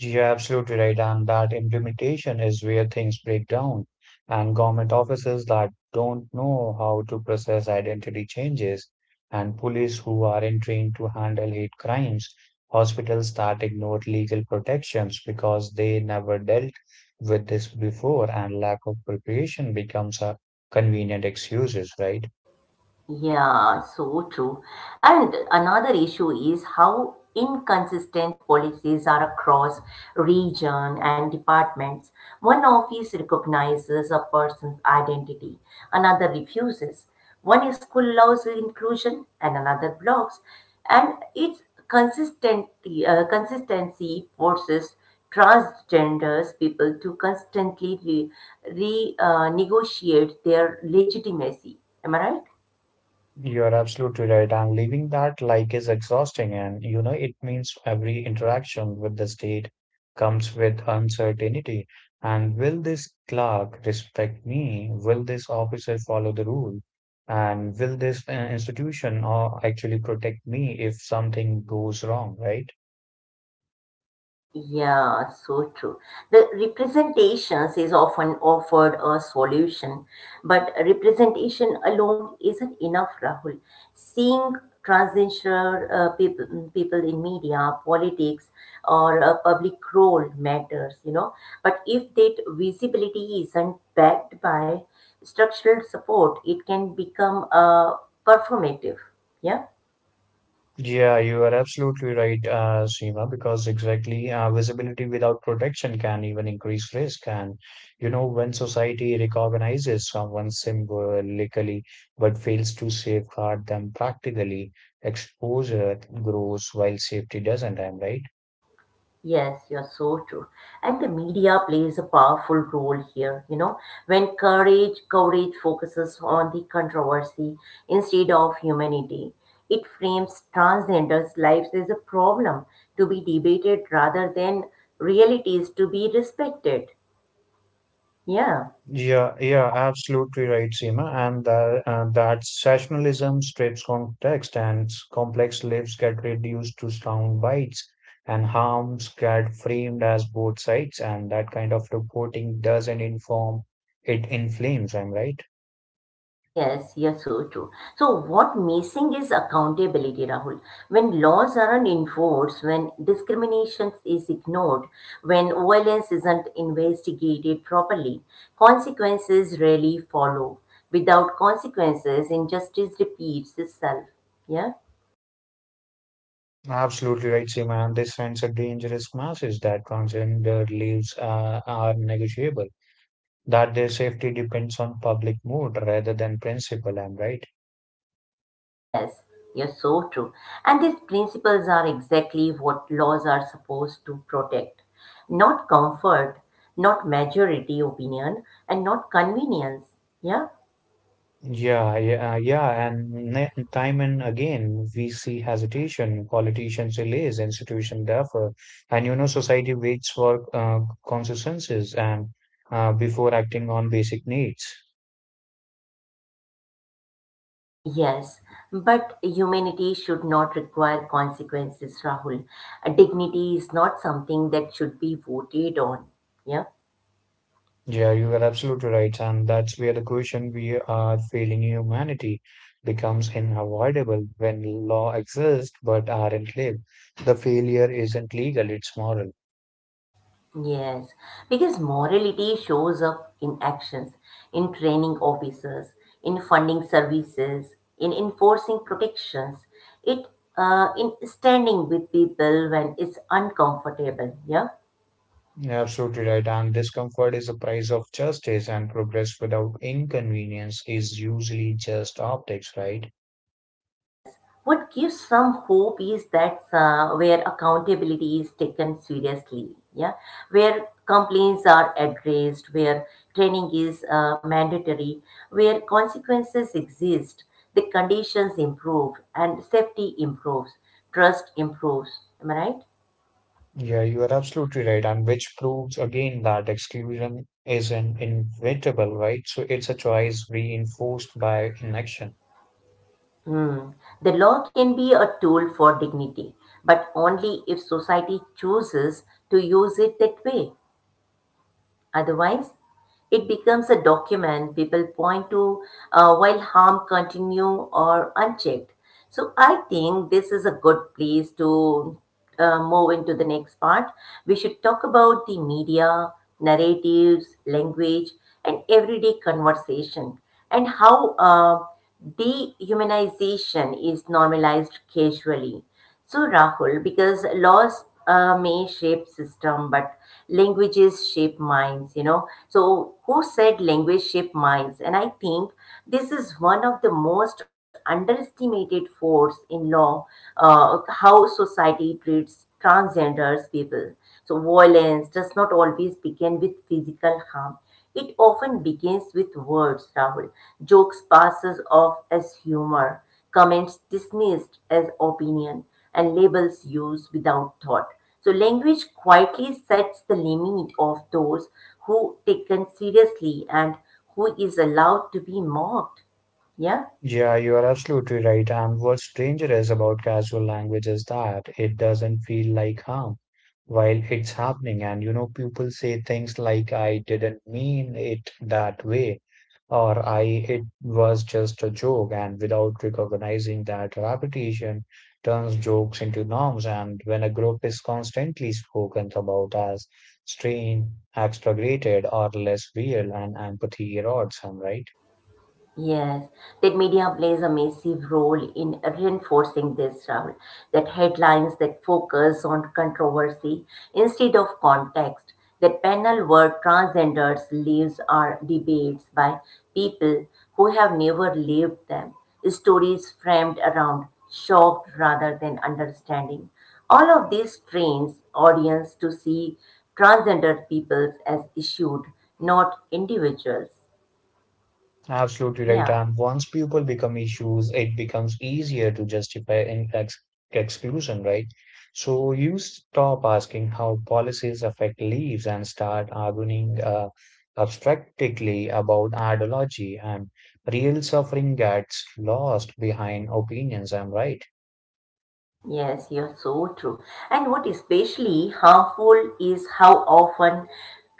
Speaker 2: You're absolutely right, and that implementation is where things break down. And government offices that don't know how to process identity changes, and police who aren't trained to handle hate crimes, hospitals that ignore legal protections because they never dealt with this before, and lack of preparation becomes a convenient excuses, right?
Speaker 1: Yeah, so true. And another issue is how inconsistent policies are across region and departments. One office recognizes a person's identity, another refuses. One school allows inclusion and another blocks. And its consistent, consistency forces transgenders people to constantly negotiate their legitimacy. Am I right?
Speaker 2: You're absolutely right. And leaving that like is exhausting. And, you know, it means every interaction with the state comes with uncertainty. And will this clerk respect me? Will this officer follow the rule? And will this institution actually protect me if something goes wrong, right?
Speaker 1: Yeah, so true. The representations is often offered a solution, but representation alone isn't enough, Rahul. Seeing transgender people, people in media, politics, or a public role matters, you know. But if that visibility isn't backed by structural support, it can become performative. Yeah.
Speaker 2: Yeah, you are absolutely right, Seema, because exactly visibility without protection can even increase risk. And, you know, when society recognizes someone symbolically but fails to safeguard them practically, exposure grows while safety doesn't, am I right?
Speaker 1: Yes, you're so true. And the media plays a powerful role here, you know, when courage coverage focuses on the controversy instead of humanity. It frames transgenders' lives as a problem to be debated rather than realities to be respected. Yeah.
Speaker 2: Yeah, absolutely right, Seema. And that sessionalism strips context and complex lives get reduced to sound bites and harms get framed as both sides. And that kind of reporting doesn't inform, it inflames, I'm right?
Speaker 1: Yes, yes, so true. So what missing is accountability, Rahul. When laws aren't enforced, when discrimination is ignored, when violence isn't investigated properly, consequences rarely follow. Without consequences, injustice repeats itself. Yeah.
Speaker 2: Absolutely right, Seema. And this sends a dangerous message that transgender lives are negotiable, that their safety depends on public mood rather than principle, I'm right?
Speaker 1: Yes, yes, so true. And these principles are exactly what laws are supposed to protect. Not comfort, not majority opinion, and not convenience. Yeah?
Speaker 2: Yeah, and time and again we see hesitation, politicians delays, institution therefore, and you know society waits for consensus and before acting on basic needs.
Speaker 1: Yes, but humanity should not require consequences, Rahul. Dignity is not something that should be voted on. Yeah?
Speaker 2: Yeah, you are absolutely right, and that's where the question, we are failing humanity, becomes unavoidable when law exists but aren't lived. The failure isn't legal; it's moral.
Speaker 1: Yes, because morality shows up in actions, in training officers, in funding services, in enforcing protections, it in standing with people when it's uncomfortable. Yeah.
Speaker 2: You're absolutely right. And discomfort is the price of justice, and progress without inconvenience is usually just optics, right?
Speaker 1: What gives some hope is that where accountability is taken seriously, yeah, where complaints are addressed, where training is mandatory, where consequences exist, the conditions improve and safety improves, trust improves. Am I right?
Speaker 2: Yeah, you are absolutely right. And which proves again that exclusion is an inevitable, right? So it's a choice reinforced by inaction.
Speaker 1: Hmm. The law can be a tool for dignity, but only if society chooses to use it that way. Otherwise, it becomes a document people point to while harm continue or unchecked. So I think this is a good place to move into the next part. We should talk about the media, narratives, language, and everyday conversation, and how dehumanization is normalized casually. So, Rahul, because laws may shape system, but languages shape minds, you know. So, who said language shape minds? And I think this is one of the most underestimated force in law, how society treats transgenders people. So, violence does not always begin with physical harm. It often begins with words, Rahul, jokes passes off as humor, comments dismissed as opinion, and labels used without thought. So language quietly sets the limit of those who taken seriously and who is allowed to be mocked. Yeah?
Speaker 2: Yeah, you are absolutely right. And what's dangerous about casual language is that it doesn't feel like harm while it's happening. And you know, people say things like, I didn't mean it that way, or I it was just a joke. And without recognizing that repetition turns jokes into norms. And when a group is constantly spoken about as strange, exaggerated, or less real, and empathy erodes them, right?
Speaker 1: Yes, that media plays a massive role in reinforcing this, Rahul. That headlines that focus on controversy instead of context, that panel work transgenders lives are debates by people who have never lived them. Stories framed around shocked rather than understanding. All of these trains audience to see transgender people as issued, not individuals.
Speaker 2: Absolutely right.
Speaker 1: Yeah.
Speaker 2: And once people become issues, it becomes easier to justify in ex exclusion, right? So you stop asking how policies affect lives and start arguing abstractly about ideology, and real suffering gets lost behind opinions. I'm right.
Speaker 1: Yes, you're so true. And what especially harmful is how often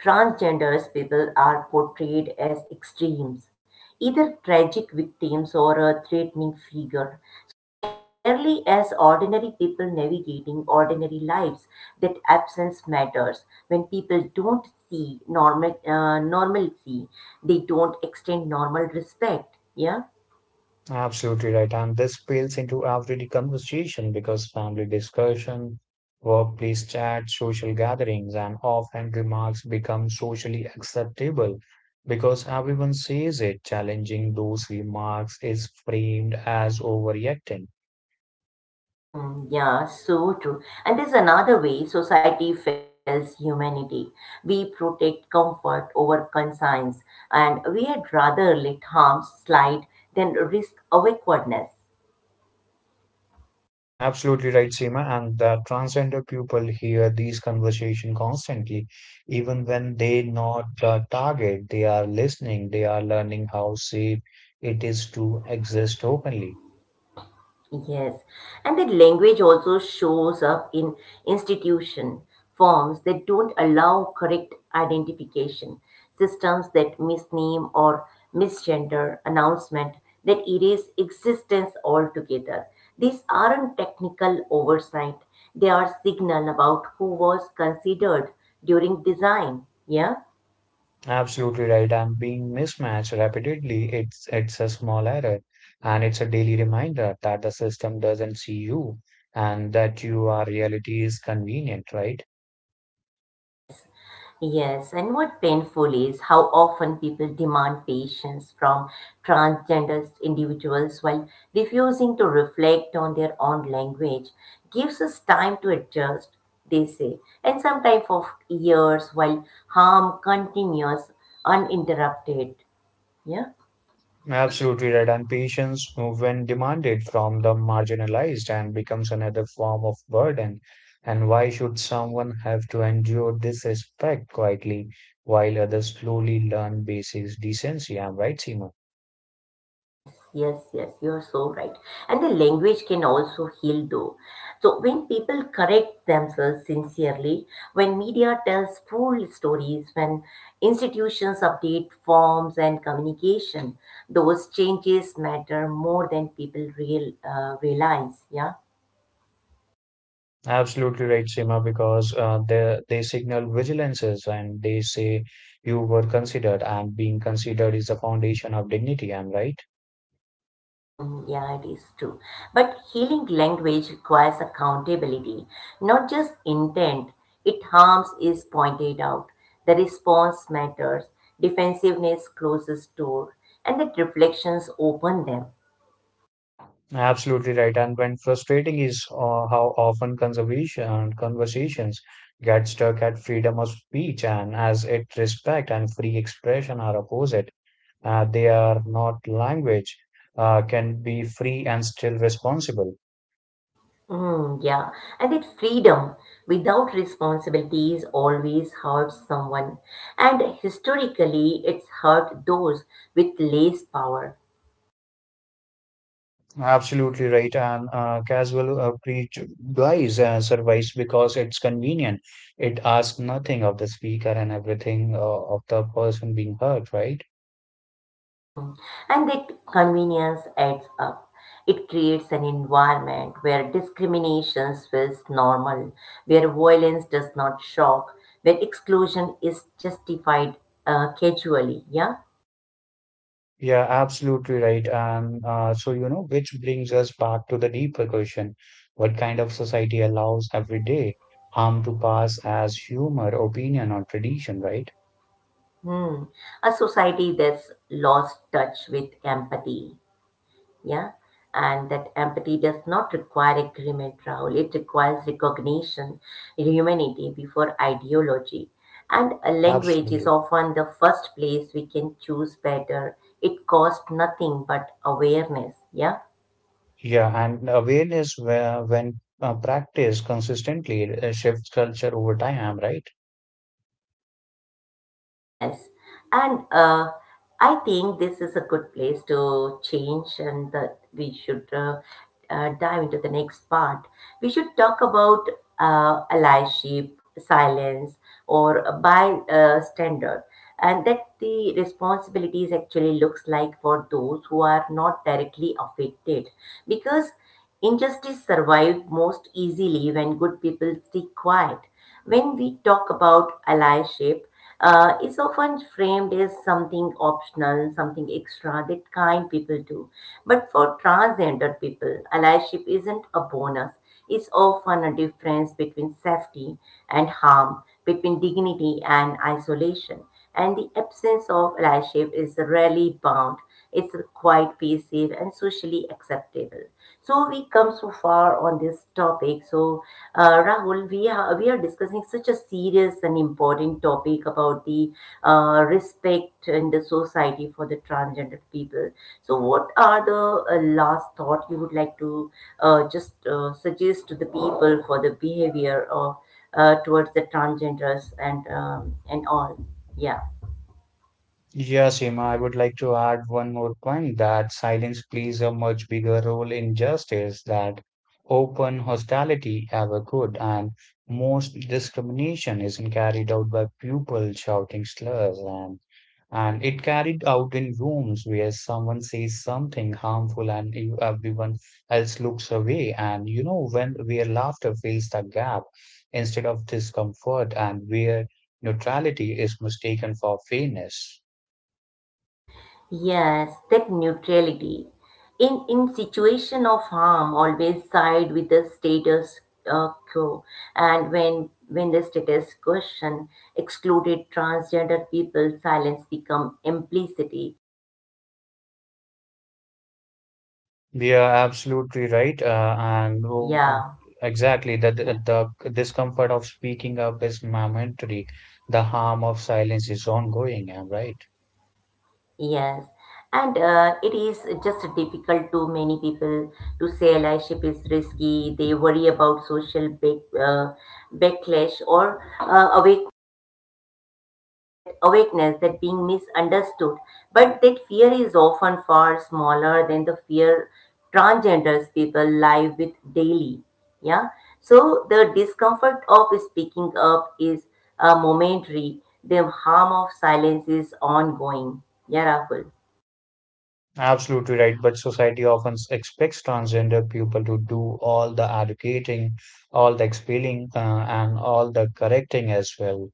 Speaker 1: transgenders people are portrayed as extremes, either tragic victims or a threatening figure. So rarely as ordinary people navigating ordinary lives that absence matters. When people don't see normal normalcy, they don't extend normal respect. Yeah.
Speaker 2: Absolutely right. And this spills into everyday conversation because family discussion, workplace chats, social gatherings, and offhand remarks become socially acceptable because everyone says it. Challenging those remarks is framed as overreacting.
Speaker 1: Mm, yeah, so true. And there's another way society fails humanity. We protect comfort over conscience, and we'd rather let harm slide than risk awkwardness.
Speaker 2: Absolutely right, Seema. And the transgender people hear these conversation constantly, even when they not the target. They are listening. They are learning how safe it is to exist openly.
Speaker 1: Yes, and that language also shows up in institution forms that don't allow correct identification, systems that misname or misgender, announcement that erase existence altogether. These aren't technical oversight; they are signal about who was considered during design. Yeah.
Speaker 2: Absolutely right. I'm being mismatched repeatedly. It's a small error, and it's a daily reminder that the system doesn't see you and that your reality is convenient, right?
Speaker 1: Yes, yes. And what painful is how often people demand patience from transgender individuals while refusing to reflect on their own language. Gives us time to adjust, they say, and sometimes for years while harm continues uninterrupted. Yeah.
Speaker 2: Absolutely right. And patience, when demanded from the marginalized, and becomes another form of burden. And why should someone have to endure this respect quietly while others slowly learn basics decency? I'm right, Seema.
Speaker 1: Yes, yes, yes, you're so right. And the language can also heal though. So when people correct themselves sincerely, when media tells full stories, when institutions update forms and communication, those changes matter more than people realize. Yeah.
Speaker 2: Absolutely right, Seema, because they signal vigilances and they say you were considered, and being considered is the foundation of dignity. I'm right.
Speaker 1: Hmm. Yeah, it is true. But healing language requires accountability, not just intent. It harms is pointed out. The response matters. Defensiveness closes door, and that reflections open them.
Speaker 2: Absolutely right. And when frustrating is how often conservation conversations get stuck at freedom of speech, and as it respect and free expression are opposite, they are not language can be free and still responsible.
Speaker 1: Mm, yeah, and that freedom without responsibility is always hurts someone, and historically it's hurt those with less power.
Speaker 2: Absolutely right. And casual preach guys survives because it's convenient. It asks nothing of the speaker and everything of the person being heard, right?
Speaker 1: Hmm. And that convenience adds up. It creates an environment where discrimination feels normal, where violence does not shock, where exclusion is justified casually. Yeah.
Speaker 2: Yeah, absolutely right. And so, you know, which brings us back to the deeper question. What kind of society allows every day harm to pass as humor, opinion, or tradition, right?
Speaker 1: Hmm. A society that's lost touch with empathy. Yeah, and that empathy does not require agreement, Rahul. It requires recognition, humanity before ideology, and a language is
Speaker 2: Absolutely.
Speaker 1: often the first place we can choose better. It costs nothing but awareness. Yeah.
Speaker 2: Yeah, and awareness where, when practiced consistently, it shifts culture over time, right?
Speaker 1: Yes, and I think this is a good place to change, and that we should dive into the next part. We should talk about allyship, silence, or a bystander, and that the responsibilities actually looks like for those who are not directly affected, because injustice survives most easily when good people stay quiet. When we talk about allyship. It's often framed as something optional, something extra that kind people do. But for transgender people, allyship isn't a bonus. It's often a difference between safety and harm, between dignity and isolation. And the absence of allyship is rarely bound. It's quite passive and socially acceptable. So we come so far on this topic. So Rahul, we are discussing such a serious and important topic about the respect in the society for the transgender people. So what are the last thought you would like to just suggest to the people for the behavior of towards the transgenders and all? Yeah.
Speaker 2: Yeah, Seema, I would like to add one more point that silence plays a much bigger role in justice that open hostility ever could, and most discrimination isn't carried out by people shouting slurs, and it carried out in rooms where someone says something harmful and you, everyone else looks away. And you know, when where laughter fills the gap instead of discomfort, and where neutrality is mistaken for fairness.
Speaker 1: Yes, that neutrality. In situation of harm, always side with the status quo. And when the status question excluded transgender people, silence become implicity.
Speaker 2: They are absolutely right. And who-
Speaker 1: Yeah,
Speaker 2: exactly,
Speaker 1: yeah,
Speaker 2: The discomfort of speaking up is momentary. The harm of silence is ongoing. I'm right.
Speaker 1: yes. And it is just difficult to many people to say allyship is risky. They worry about social backlash or that awakeness, that being misunderstood. But that fear is often far smaller than the fear transgenders people live with daily. Yeah. So the discomfort of speaking up is momentary. The harm of silence is ongoing. Yeah, Rahul.
Speaker 2: Absolutely right. But society often expects transgender people to do all the educating, all the explaining, and all the correcting as well.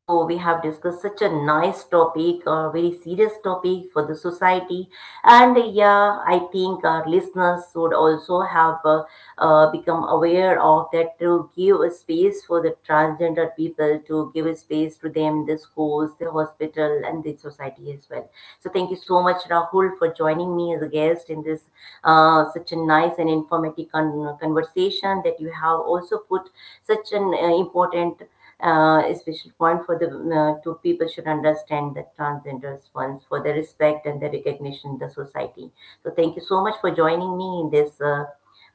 Speaker 1: So we have discussed such a nice topic, a very serious topic for the society, and yeah, I think our listeners would also have become aware of that, to give a space for the transgender people, to give a space to them, the schools, the hospital, and the society as well. So thank you so much, Rahul, for joining me as a guest in this such a nice and informative conversation, that you have also put such an important a special point for the two people should understand that transgenders ones for their respect and their recognition in the society. So thank you so much for joining me in this uh,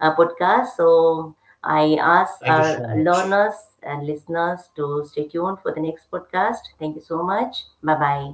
Speaker 1: uh, podcast. So I ask
Speaker 2: Thank you
Speaker 1: our
Speaker 2: so much.
Speaker 1: learners and listeners to stay tuned for the next podcast. Thank you so much. Bye bye.